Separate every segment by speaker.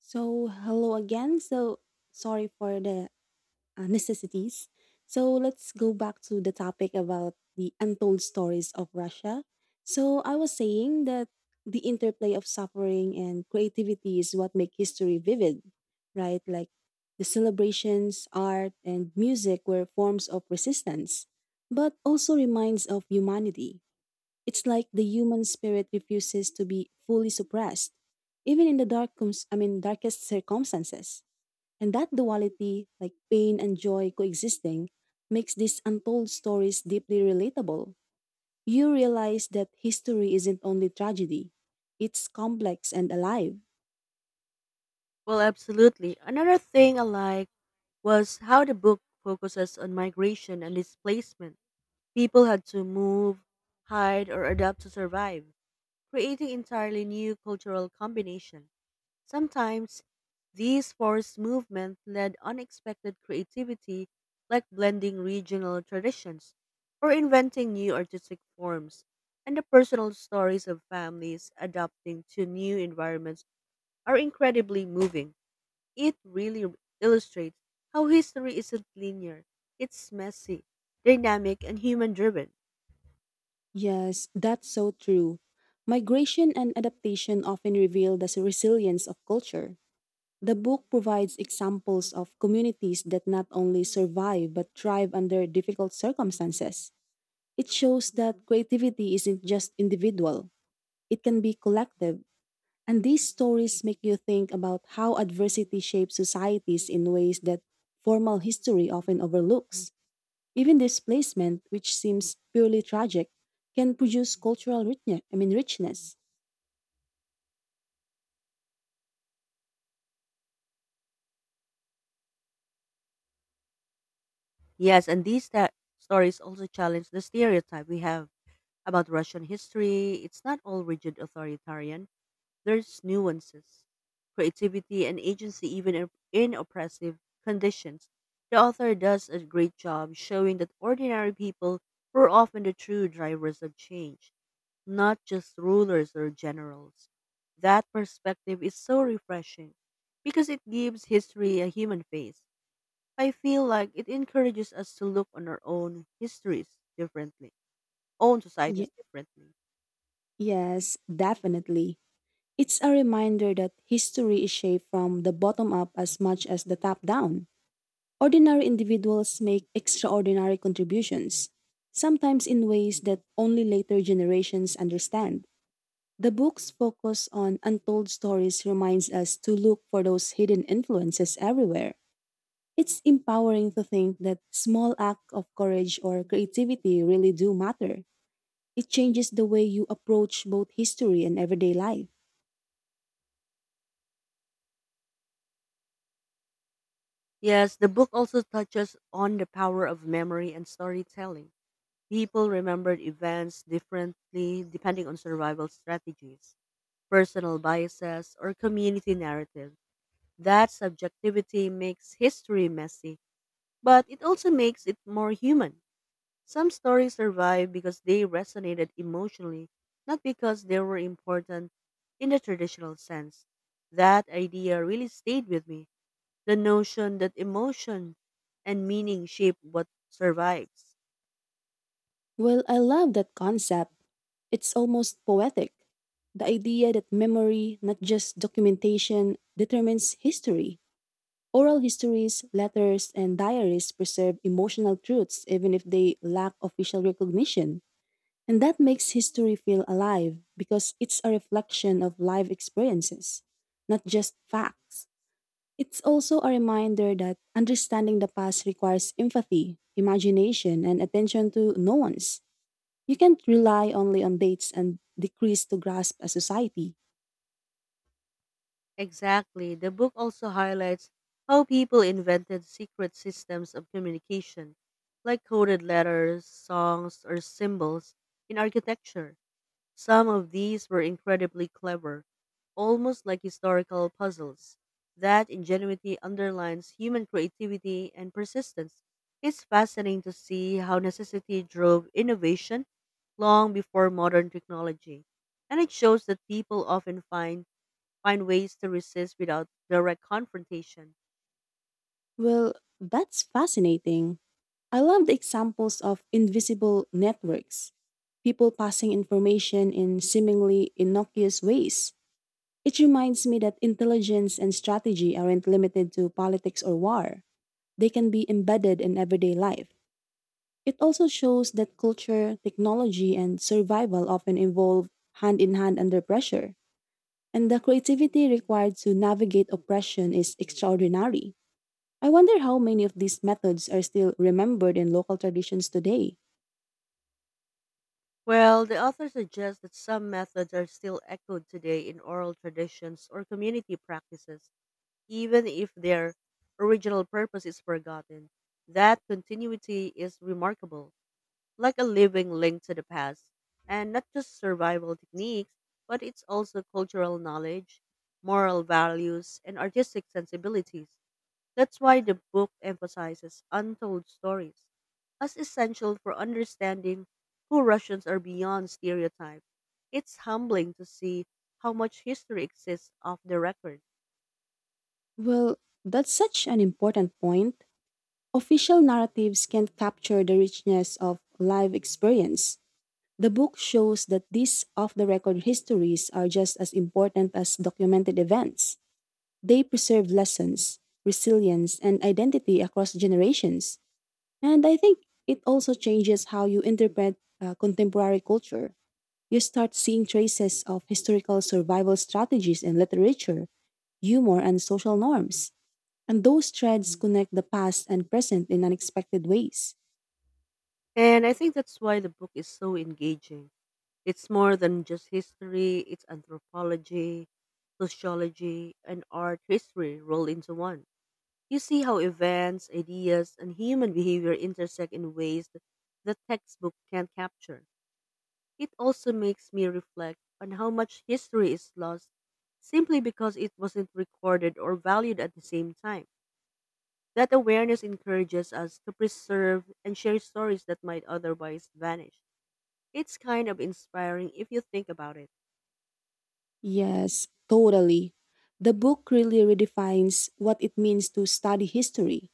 Speaker 1: So, hello again. So, sorry for the necessities. So, let's go back to the topic about the untold stories of Russia. So, I was saying that the interplay of suffering and creativity is what make history vivid, right? Like the celebrations, art, and music were forms of resistance, but also reminds of humanity. It's like the human spirit refuses to be fully suppressed, even in the dark, darkest circumstances. And that duality, like pain and joy coexisting, makes these untold stories deeply relatable. You realize that history isn't only tragedy; it's complex and alive.
Speaker 2: Well, absolutely. Another thing I like was how the book focuses on migration and displacement. People had to move, hide, or adapt to survive, creating entirely new cultural combination. Sometimes these forced movements led unexpected creativity like blending regional traditions or inventing new artistic forms. And the personal stories of families adapting to new environments are incredibly moving. It really illustrates how history isn't linear. It's messy, dynamic, and human driven.
Speaker 1: Yes, that's so true. Migration and adaptation often reveal the resilience of culture. The book provides examples of communities that not only survive but thrive under difficult circumstances. It shows that creativity isn't just individual, it can be collective. And these stories make you think about how adversity shapes societies in ways that formal history often overlooks. Even displacement, which seems purely tragic, can produce cultural richness. I mean, richness.
Speaker 2: Yes, and these stories also challenge the stereotype we have about Russian history. It's not all rigid authoritarian, there's nuances, creativity, and agency even in oppressive conditions. The author does a great job showing that ordinary people were often the true drivers of change, not just rulers or generals. That perspective is so refreshing because it gives history a human face. I feel like it encourages us to look on our own histories differently, own societies
Speaker 1: Ye-
Speaker 2: differently.
Speaker 1: yes, definitely. It's a reminder that history is shaped from the bottom up as much as the top down. Ordinary individuals make extraordinary contributions, sometimes in ways that only later generations understand. The book's focus on untold stories reminds us to look for those hidden influences everywhere. It's empowering to think that small acts of courage or creativity really do matter. It changes the way you approach both history and everyday life.
Speaker 2: Yes, the book also touches on the power of memory and storytelling. People remembered events differently depending on survival strategies, personal biases, or community narrative. That subjectivity makes history messy, but it also makes it more human. Some stories survive because they resonated emotionally, not because they were important in the traditional sense. That idea really stayed with me, the notion that emotion and meaning shape what survives.
Speaker 1: Well, I love that concept. It's almost poetic. The idea that memory, not just documentation, determines history. Oral histories, letters, and diaries preserve emotional truths even if they lack official recognition. And that makes history feel alive because it's a reflection of life experiences, not just facts. It's also a reminder that understanding the past requires empathy, imagination, and attention to nuance. You can't rely only on dates and decrees to grasp a society.
Speaker 2: Exactly. The book also highlights how people invented secret systems of communication, like coded letters, songs, or symbols in architecture. Some of these were incredibly clever, almost like historical puzzles. That ingenuity underlines human creativity and persistence. It's fascinating to see how necessity drove innovation long before modern technology. And it shows that people often find ways to resist without direct confrontation.
Speaker 1: Well, that's fascinating. I love the examples of invisible networks, people passing information in seemingly innocuous ways. It reminds me that intelligence and strategy aren't limited to politics or war, they can be embedded in everyday life. It also shows that culture, technology, and survival often evolve hand in hand under pressure. And the creativity required to navigate oppression is extraordinary. I wonder how many of these methods are still remembered in local traditions today.
Speaker 2: Well, the author suggests that some methods are still echoed today in oral traditions or community practices, even if their original purpose is forgotten. That continuity is remarkable, like a living link to the past, and not just survival techniques, but it's also cultural knowledge, moral values, and artistic sensibilities. That's why the book emphasizes untold stories as essential for understanding who Russians are beyond stereotype. It's humbling to see how much history exists off the record.
Speaker 1: Well, that's such an important point. Official narratives can't capture the richness of live experience. The book shows that these off the record histories are just as important as documented events. They preserve lessons, resilience, and identity across generations. And I think it also changes how you interpret contemporary culture. You start seeing traces of historical survival strategies in literature, humor, and social norms. And those threads connect the past and present in unexpected ways.
Speaker 2: And I think that's why the book is so engaging. It's more than just history, it's anthropology, sociology, and art history rolled into one. You see how events, ideas, and human behavior intersect in ways that the textbook can't capture. It also makes me reflect on how much history is lost simply because it wasn't recorded or valued at the same time. That awareness encourages us to preserve and share stories that might otherwise vanish. It's kind of inspiring if you think about it.
Speaker 1: Yes, totally. The book really redefines what it means to study history.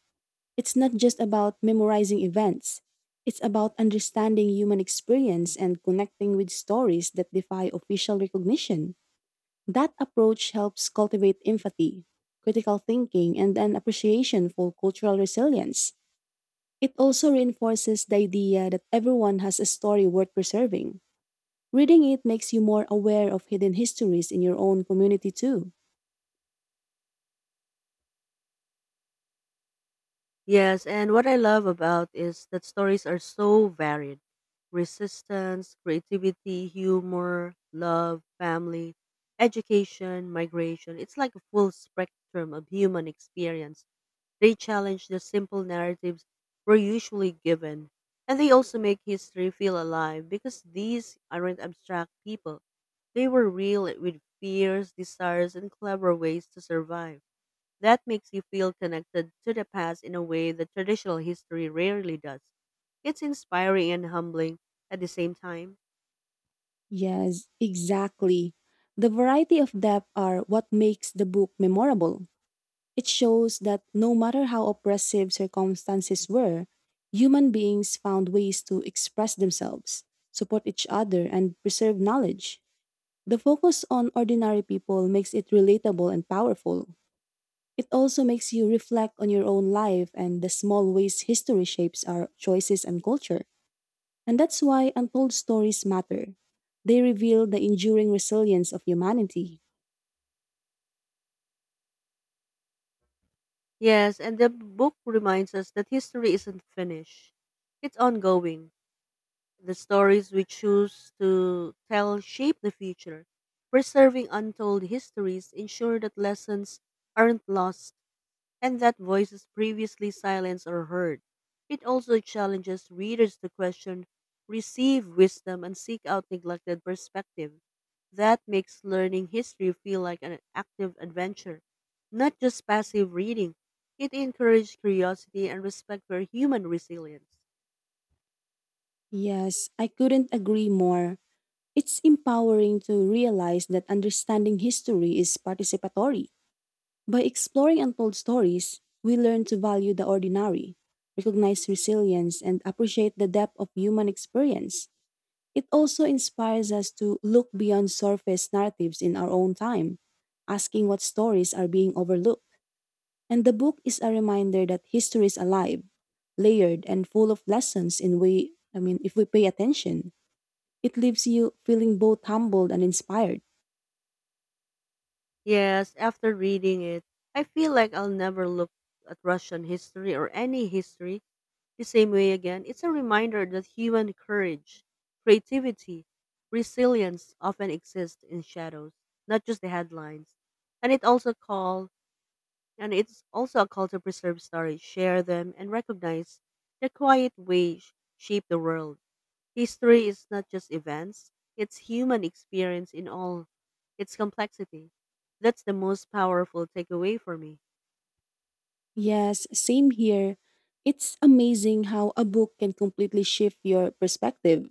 Speaker 1: It's not just about memorizing events, it's about understanding human experience and connecting with stories that defy official recognition. That approach helps cultivate empathy, critical thinking, and an appreciation for cultural resilience. It also reinforces the idea that everyone has a story worth preserving. Reading it makes you more aware of hidden histories in your own community, too.
Speaker 2: Yes, and what I love about is that stories are so varied. Resistance, creativity, humor, love, family, education, migration. It's like a full spectrum of human experience. They challenge the simple narratives we're usually given. And they also make history feel alive because these aren't abstract people. They were real with fears, desires, and clever ways to survive. That makes you feel connected to the past in a way that traditional history rarely does. It's inspiring and humbling at the same time.
Speaker 1: Yes, exactly. The variety of depth are what makes the book memorable. It shows that no matter how oppressive circumstances were, human beings found ways to express themselves, support each other, and preserve knowledge. The focus on ordinary people makes it relatable and powerful. It also makes you reflect on your own life and the small ways history shapes our choices and culture. And that's why untold stories matter. They reveal the enduring resilience of humanity.
Speaker 2: Yes, and the book reminds us that history isn't finished, it's ongoing. The stories we choose to tell shape the future. Preserving untold histories ensure that lessons aren't lost and that voices previously silenced are heard. It also challenges readers to question, receive wisdom, and seek out neglected perspective. That makes learning history feel like an active adventure, not just passive reading. It encourages curiosity and respect for human resilience.
Speaker 1: Yes, I couldn't agree more. It's empowering to realize that understanding history is participatory. By exploring untold stories, we learn to value the ordinary, recognize resilience, and appreciate the depth of human experience. It also inspires us to look beyond surface narratives in our own time, asking what stories are being overlooked. And the book is a reminder that history is alive, layered, and full of lessons in way I mean if we pay attention. It leaves you feeling both humbled and inspired.
Speaker 2: Yes, after reading it, I feel like I'll never look at Russian history or any history the same way again. It's a reminder that human courage, creativity, resilience often exist in shadows, not just the headlines. And it also call and it's also a call to preserve stories, share them, and recognize the quiet way shape the world. History is not just events, it's human experience in all its complexity. That's the most powerful takeaway for me.
Speaker 1: Yes, same here. It's amazing how a book can completely shift your perspective.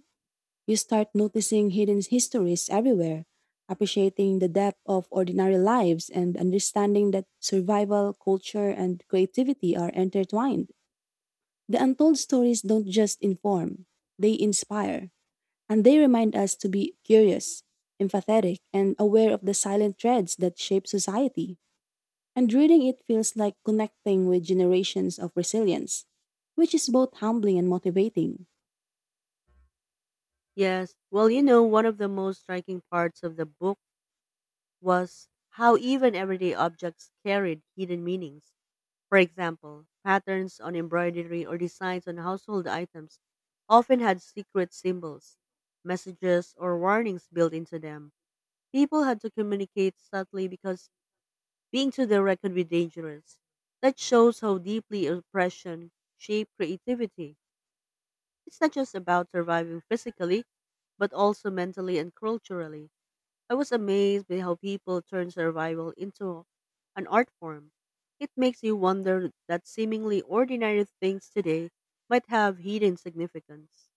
Speaker 1: You start noticing hidden histories everywhere, appreciating the depth of ordinary lives, and understanding that survival, culture, and creativity are intertwined. The untold stories don't just inform, they inspire, and they remind us to be curious, empathetic, and aware of the silent threads that shape society. And reading it feels like connecting with generations of resilience, which is both humbling and motivating.
Speaker 2: Yes, well, you know, one of the most striking parts of the book was how even everyday objects carried hidden meanings. For example, patterns on embroidery or designs on household items often had secret symbols, messages, or warnings built into them. People had to communicate subtly because being too direct could be dangerous. That shows how deeply oppression shaped creativity. It's not just about surviving physically, but also mentally and culturally. I was amazed by how people turn survival into an art form. It makes you wonder that seemingly ordinary things today might have hidden significance.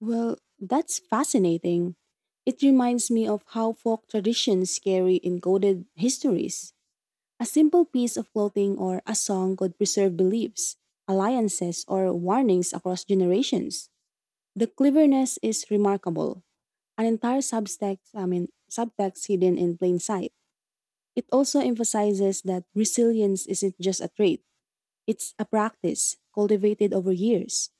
Speaker 1: Well, that's fascinating. It reminds me of how folk traditions carry encoded histories. A simple piece of clothing or a song could preserve beliefs, alliances, or warnings across generations. The cleverness is remarkable. An entire subtext hidden in plain sight. It also emphasizes that resilience isn't just a trait. It's a practice cultivated over years.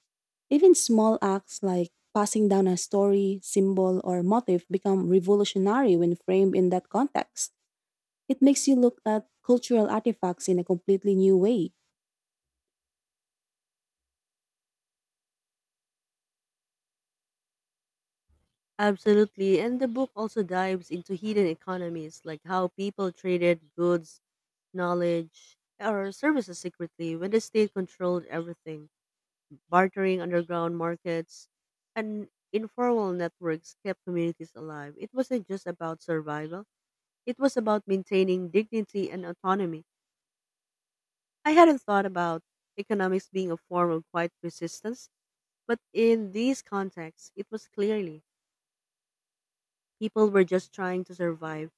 Speaker 1: Even small acts like passing down a story, symbol, or motif become revolutionary when framed in that context. It makes you look at cultural artifacts in a completely new way.
Speaker 2: Absolutely, and the book also dives into hidden economies, like how people traded goods, knowledge, or services secretly when the state controlled everything. Bartering underground markets and informal networks kept communities alive. It wasn't just about survival, it was about maintaining dignity and autonomy. I hadn't thought about economics being a form of quiet resistance, but in these contexts, it was clearly, people were just trying to survive.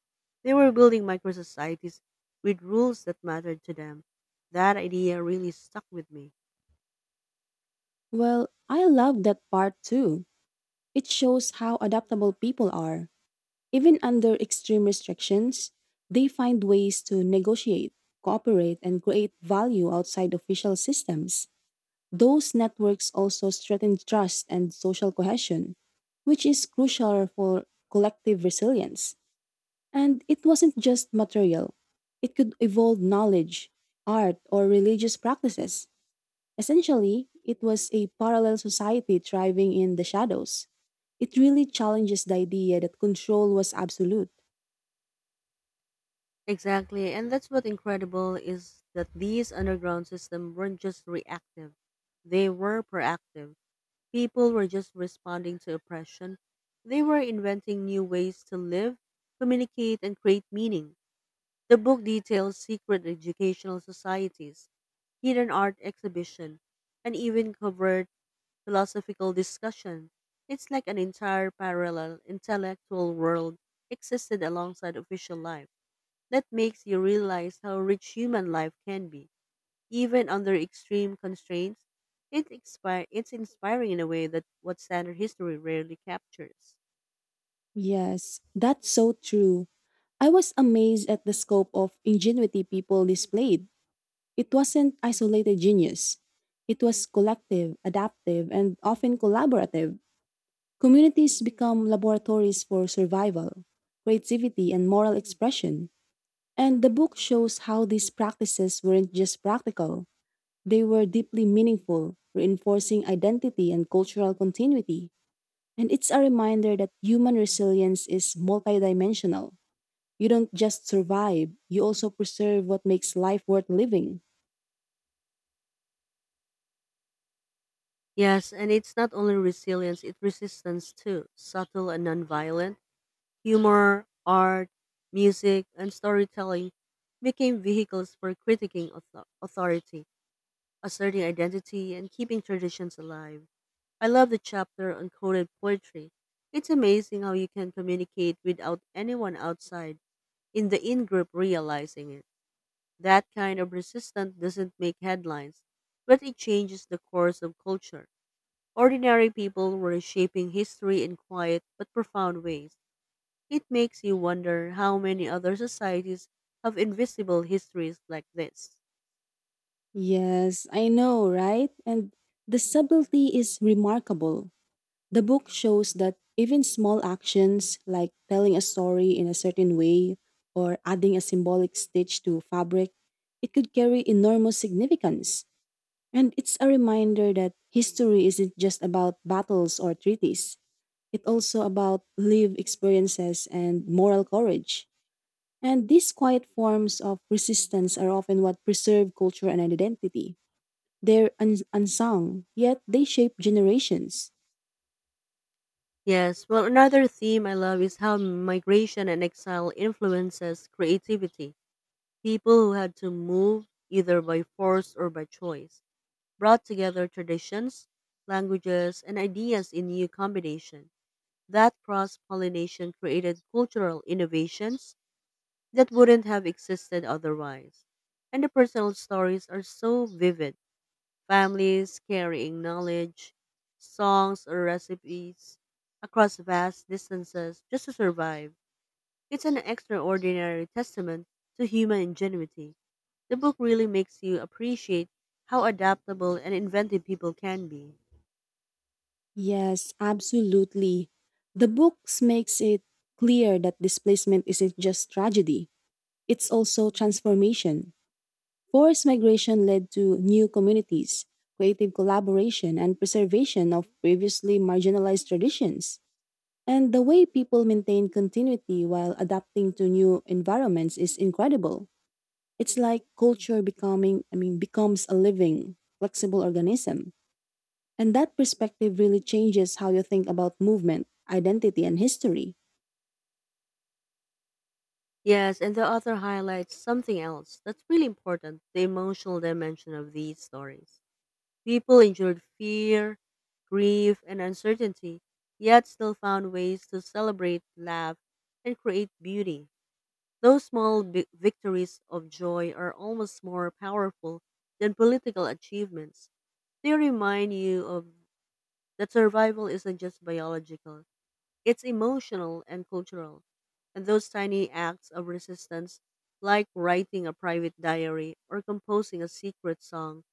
Speaker 2: They were building micro societies with rules that mattered to them. That idea really stuck with me.
Speaker 1: Well, I love that part too. It shows how adaptable people are. Even under extreme restrictions, they find ways to negotiate, cooperate, and create value outside official systems. Those networks also strengthen trust and social cohesion, which is crucial for collective resilience. And it wasn't just material, it could evolve knowledge, art, or religious practices. Essentially, it was a parallel society thriving in the shadows. It really challenges the idea that control was absolute.
Speaker 2: Exactly, and that's what incredible is that these underground systems weren't just reactive; they were proactive. People were just responding to oppression. They were inventing new ways to live, communicate, and create meaning. The book details secret educational societies, hidden art exhibition, and even covered philosophical discussion. It's like an entire parallel intellectual world existed alongside official life. That makes you realize how rich human life can be. Even under extreme constraints, it's inspiring in a way that what standard history rarely captures.
Speaker 1: Yes, that's so true. I was amazed at the scope of ingenuity people displayed. It wasn't isolated genius. It was collective, adaptive, and often collaborative. Communities become laboratories for survival, creativity, and moral expression. And the book shows how these practices weren't just practical, they were deeply meaningful, reinforcing identity and cultural continuity. And it's a reminder that human resilience is multidimensional. You don't just survive, you also preserve what makes life worth living.
Speaker 2: Yes, and it's not only resilience, it's resistance too, subtle and nonviolent. Humor, art, music, and storytelling became vehicles for critiquing authority, asserting identity, and keeping traditions alive. I love the chapter on coded poetry. It's amazing how you can communicate without anyone outside in the in group realizing it. That kind of resistance doesn't make headlines, but it changes the course of culture. Ordinary people were shaping history in quiet but profound ways. It makes you wonder how many other societies have invisible histories like this.
Speaker 1: Yes, I know, right? And the subtlety is remarkable. The book shows that even small actions like telling a story in a certain way or adding a symbolic stitch to fabric, it could carry enormous significance. And it's a reminder that history isn't just about battles or treaties. It's also about lived experiences and moral courage. And these quiet forms of resistance are often what preserve culture and identity. They're unsung, yet they shape generations.
Speaker 2: Yes, well, another theme I love is how migration and exile influences creativity. People who had to move, either by force or by choice, brought together traditions, languages, and ideas in new combination. That cross pollination created cultural innovations that wouldn't have existed otherwise. And the personal stories are so vivid, families carrying knowledge, songs, or recipes across vast distances just to survive. It's an extraordinary testament to human ingenuity. The book really makes you appreciate how adaptable and inventive people can be.
Speaker 1: Yes, absolutely. The books makes it clear that displacement isn't just tragedy, it's also transformation. Forced migration led to new communities, creative collaboration, and preservation of previously marginalized traditions. And the way people maintain continuity while adapting to new environments is incredible. It's like culture becomes a living, flexible organism. And that perspective really changes how you think about movement, identity, and history.
Speaker 2: Yes, and the author highlights something else that's really important, the emotional dimension of these stories. People endured fear, grief, and uncertainty, yet still found ways to celebrate, laugh, and create beauty. Those small victories of joy are almost more powerful than political achievements. They remind you of that survival isn't just biological. It's emotional and cultural. And those tiny acts of resistance, like writing a private diary or composing a secret song,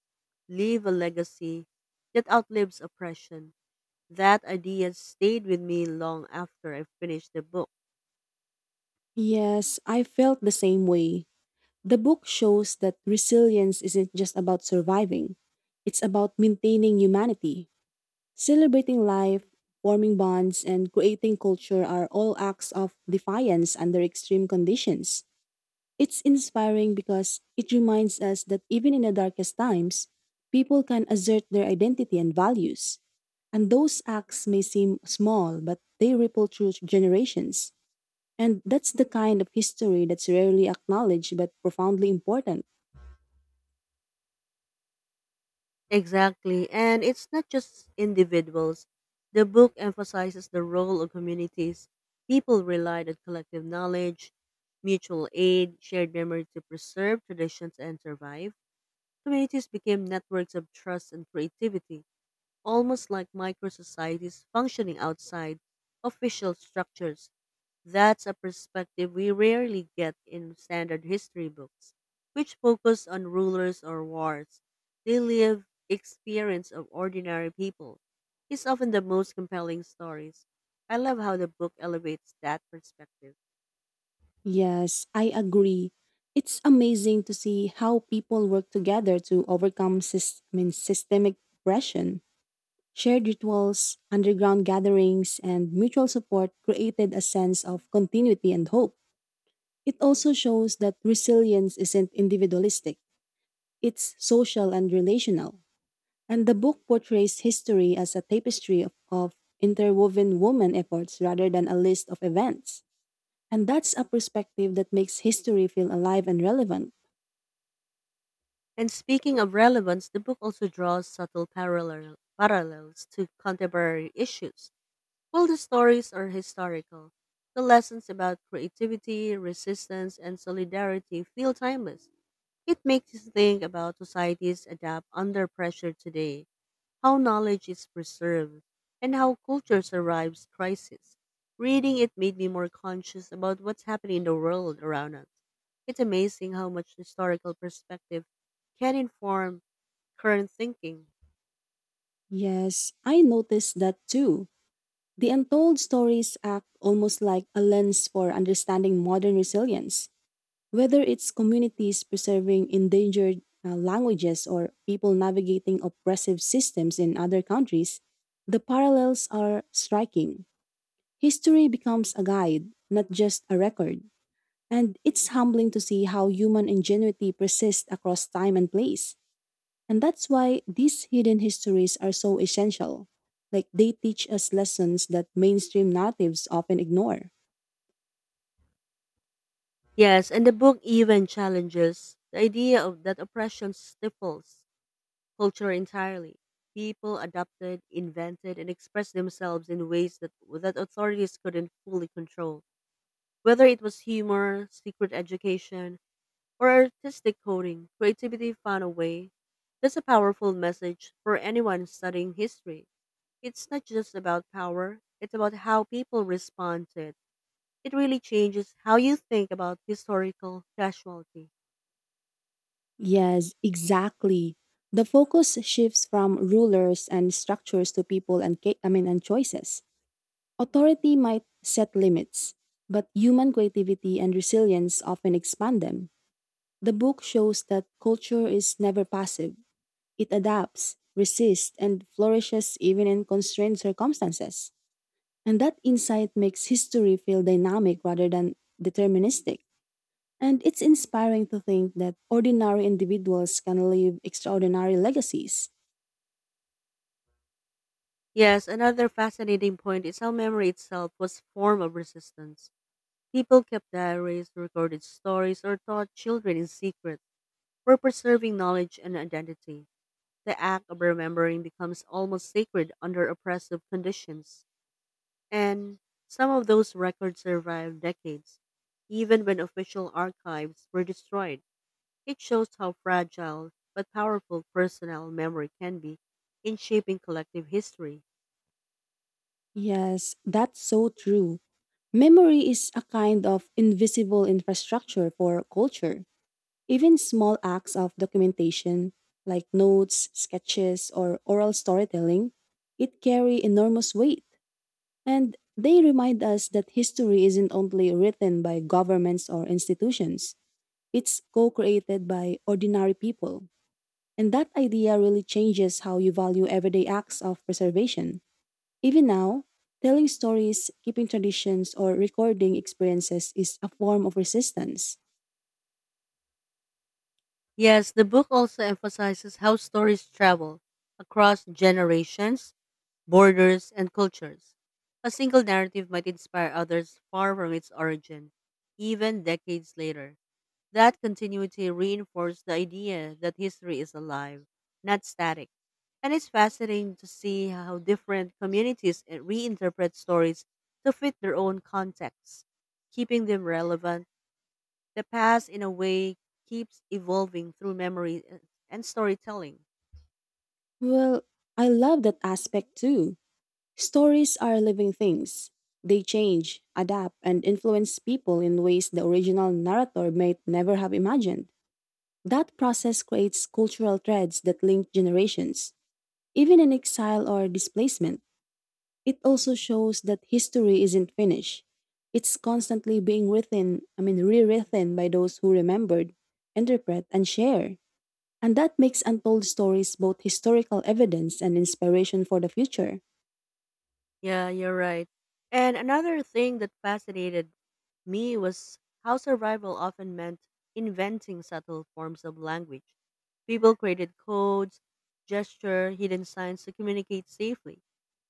Speaker 2: leave a legacy that outlives oppression. That idea stayed with me long after I finished the book.
Speaker 1: Yes, I felt the same way. The book shows that resilience isn't just about surviving, it's about maintaining humanity. Celebrating life, forming bonds, and creating culture are all acts of defiance under extreme conditions. It's inspiring because it reminds us that even in the darkest times, people can assert their identity and values. And those acts may seem small, but they ripple through generations. And that's the kind of history that's rarely acknowledged but profoundly important.
Speaker 2: Exactly. And it's not just individuals. The book emphasizes the role of communities. People relied on collective knowledge, mutual aid, shared memory to preserve traditions and survive. Communities became networks of trust and creativity, almost like micro societies functioning outside official structures. That's a perspective we rarely get in standard history books, which focus on rulers or wars. The lived experience of ordinary people is often the most compelling stories. I love how the book elevates that perspective.
Speaker 1: Yes, I agree. It's amazing to see how people work together to overcome systemic oppression. Shared rituals, underground gatherings, and mutual support created a sense of continuity and hope. It also shows that resilience isn't individualistic, it's social and relational. And the book portrays history as a tapestry of interwoven women efforts rather than a list of events. And that's a perspective that makes history feel alive and relevant.
Speaker 2: And speaking of relevance, the book also draws parallels to contemporary issues. While the stories are historical, the lessons about creativity, resistance, and solidarity feel timeless. It makes you think about societies adapt under pressure today, how knowledge is preserved, and how culture survives crisis. Reading it made me more conscious about what's happening in the world around us. It's amazing how much historical perspective can inform current thinking.
Speaker 1: Yes, I noticed that too. The untold stories act almost like a lens for understanding modern resilience. Whether it's communities preserving endangered languages or people navigating oppressive systems in other countries, the parallels are striking. History becomes a guide, not just a record. And it's humbling to see how human ingenuity persists across time and place. And that's why these hidden histories are so essential. Like they teach us lessons that mainstream narratives often ignore.
Speaker 2: Yes, and the book even challenges the idea of that oppression stifles culture entirely. People adapted, invented, and expressed themselves in ways that authorities couldn't fully control. Whether it was humor, secret education, or artistic coding, creativity found a way. That's a powerful message for anyone studying history. It's not just about power, it's about how people respond to it. It really changes how you think about historical casualty.
Speaker 1: Yes, exactly. The focus shifts from rulers and structures to people and choices. Authority might set limits, but human creativity and resilience often expand them. The book shows that culture is never passive. It adapts, resists, and flourishes even in constrained circumstances. And that insight makes history feel dynamic rather than deterministic. And it's inspiring to think that ordinary individuals can leave extraordinary legacies.
Speaker 2: Yes, another fascinating point is how memory itself was a form of resistance. People kept diaries, recorded stories, or taught children in secret for preserving knowledge and identity. The act of remembering becomes almost sacred under oppressive conditions. And some of those records survived decades, even when official archives were destroyed. It shows how fragile but powerful personal memory can be in shaping collective history.
Speaker 1: Yes, that's so true. Memory is a kind of invisible infrastructure for culture. Even small acts of documentation, like notes, sketches, or oral storytelling, it carry enormous weight. And they remind us that history isn't only written by governments or institutions, it's co created by ordinary people. And that idea really changes how you value everyday acts of preservation. Even now, telling stories, keeping traditions, or recording experiences is a form of resistance.
Speaker 2: Yes, the book also emphasizes how stories travel across generations, borders, and cultures. A single narrative might inspire others far from its origin, even decades later. That continuity reinforced the idea that history is alive, not static. And it's fascinating to see how different communities reinterpret stories to fit their own contexts, keeping them relevant. The past, in a way, keeps evolving through memory and storytelling.
Speaker 1: Well, I love that aspect too. Stories are living things. They change, adapt, and influence people in ways the original narrator may never have imagined. That process creates cultural threads that link generations, even in exile or displacement. It also shows that history isn't finished. It's constantly being rewritten by those who remembered, interpret, and share. And that makes untold stories both historical evidence and inspiration for the future.
Speaker 2: Yeah, you're right. And another thing that fascinated me was how survival often meant inventing subtle forms of language. People created codes, gesture, hidden signs to communicate safely.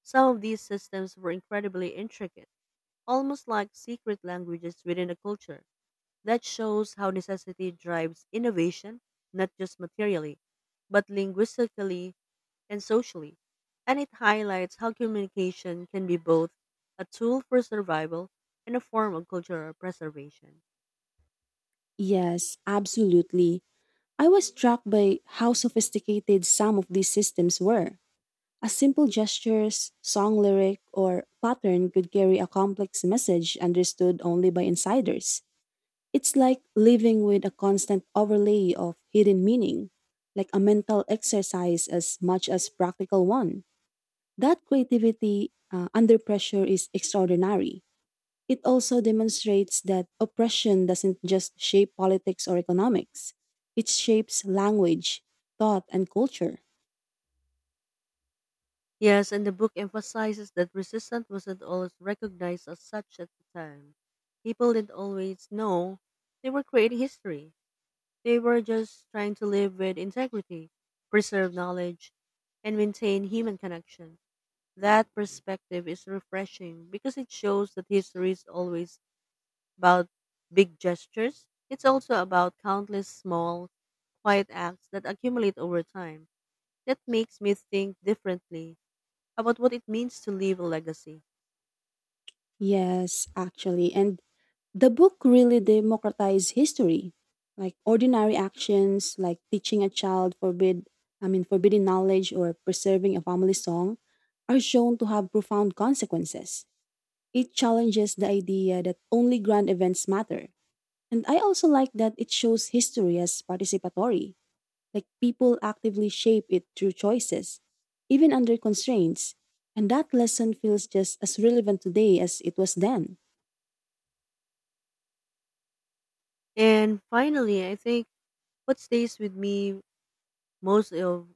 Speaker 2: Some of these systems were incredibly intricate, almost like secret languages within a culture. That shows how necessity drives innovation, not just materially, but linguistically and socially, and it highlights how communication can be both a tool for survival and a form of cultural preservation.
Speaker 1: Yes, absolutely. I was struck by how sophisticated some of these systems were. A simple gestures, song lyric, or pattern could carry a complex message understood only by insiders. It's like living with a constant overlay of hidden meaning, like a mental exercise as much as practical one. That creativity under pressure is extraordinary. It also demonstrates that oppression doesn't just shape politics or economics, it shapes language, thought, and culture.
Speaker 2: Yes, and the book emphasizes that resistance wasn't always recognized as such at the time. People didn't always know they were creating history. They were just trying to live with integrity, preserve knowledge, and maintain human connection. That perspective is refreshing because it shows that history is always about big gestures. It's also about countless small, quiet acts that accumulate over time. That makes me think differently about what it means to leave a legacy.
Speaker 1: Yes, actually. And the book really democratized history. Like ordinary actions like teaching a child forbidden knowledge or preserving a family song are shown to have profound consequences. It challenges the idea that only grand events matter. And I also like that it shows history as participatory, like people actively shape it through choices, even under constraints. And that lesson feels just as relevant today as it was then.
Speaker 2: And finally, I think what stays with me most of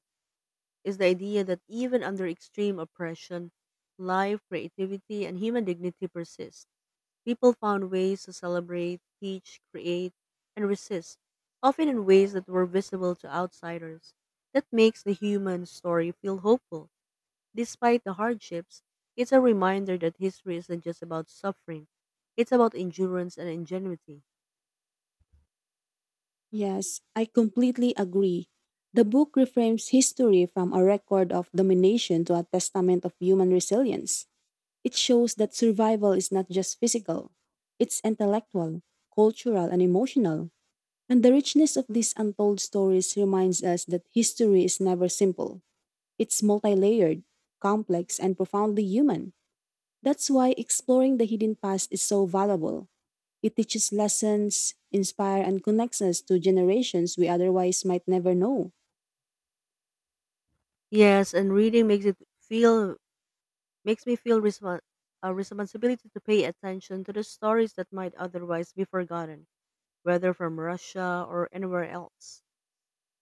Speaker 2: is the idea that even under extreme oppression, life, creativity, and human dignity persist. People found ways to celebrate, teach, create, and resist, often in ways that were visible to outsiders. That makes the human story feel hopeful. Despite the hardships, it's a reminder that history isn't just about suffering, it's about endurance and ingenuity.
Speaker 1: Yes, I completely agree. The book reframes history from a record of domination to a testament of human resilience. It shows that survival is not just physical, it's intellectual, cultural, and emotional. And the richness of these untold stories reminds us that history is never simple. It's multi layered, complex, and profoundly human. That's why exploring the hidden past is so valuable. It teaches lessons, inspire and connects us to generations we otherwise might never know.
Speaker 2: Yes, and reading makes it feel makes me feel respon a responsibility to pay attention to the stories that might otherwise be forgotten, whether from Russia or anywhere else,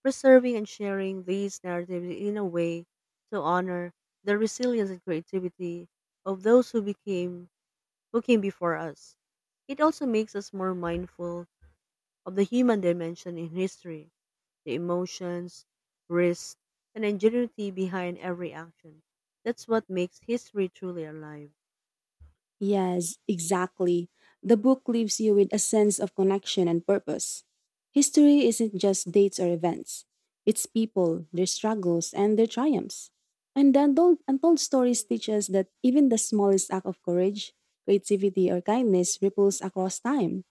Speaker 2: preserving and sharing these narratives in a way to honor the resilience and creativity of those who came before us. It also makes us more mindful of the human dimension in history, the emotions, risks, and ingenuity behind every action. That's what makes history truly alive.
Speaker 1: Yes, exactly. The book leaves you with a sense of connection and purpose. History isn't just dates or events. It's people, their struggles, and their triumphs. And the untold stories teach us that even the smallest act of courage, creativity, or kindness ripples across time.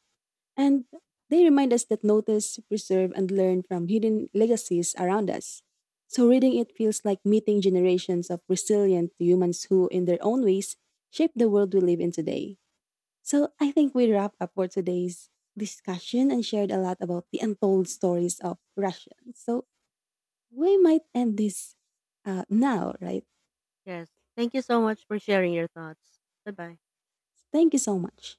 Speaker 1: And they remind us that notice, preserve, and learn from hidden legacies around us. So reading it feels like meeting generations of resilient humans who, in their own ways, shape the world we live in today. So I think we wrap up for today's discussion and shared a lot about the untold stories of Russians. So we might end this now, right?
Speaker 2: Yes. Thank you so much for sharing your thoughts. Bye bye.
Speaker 1: Thank you so much.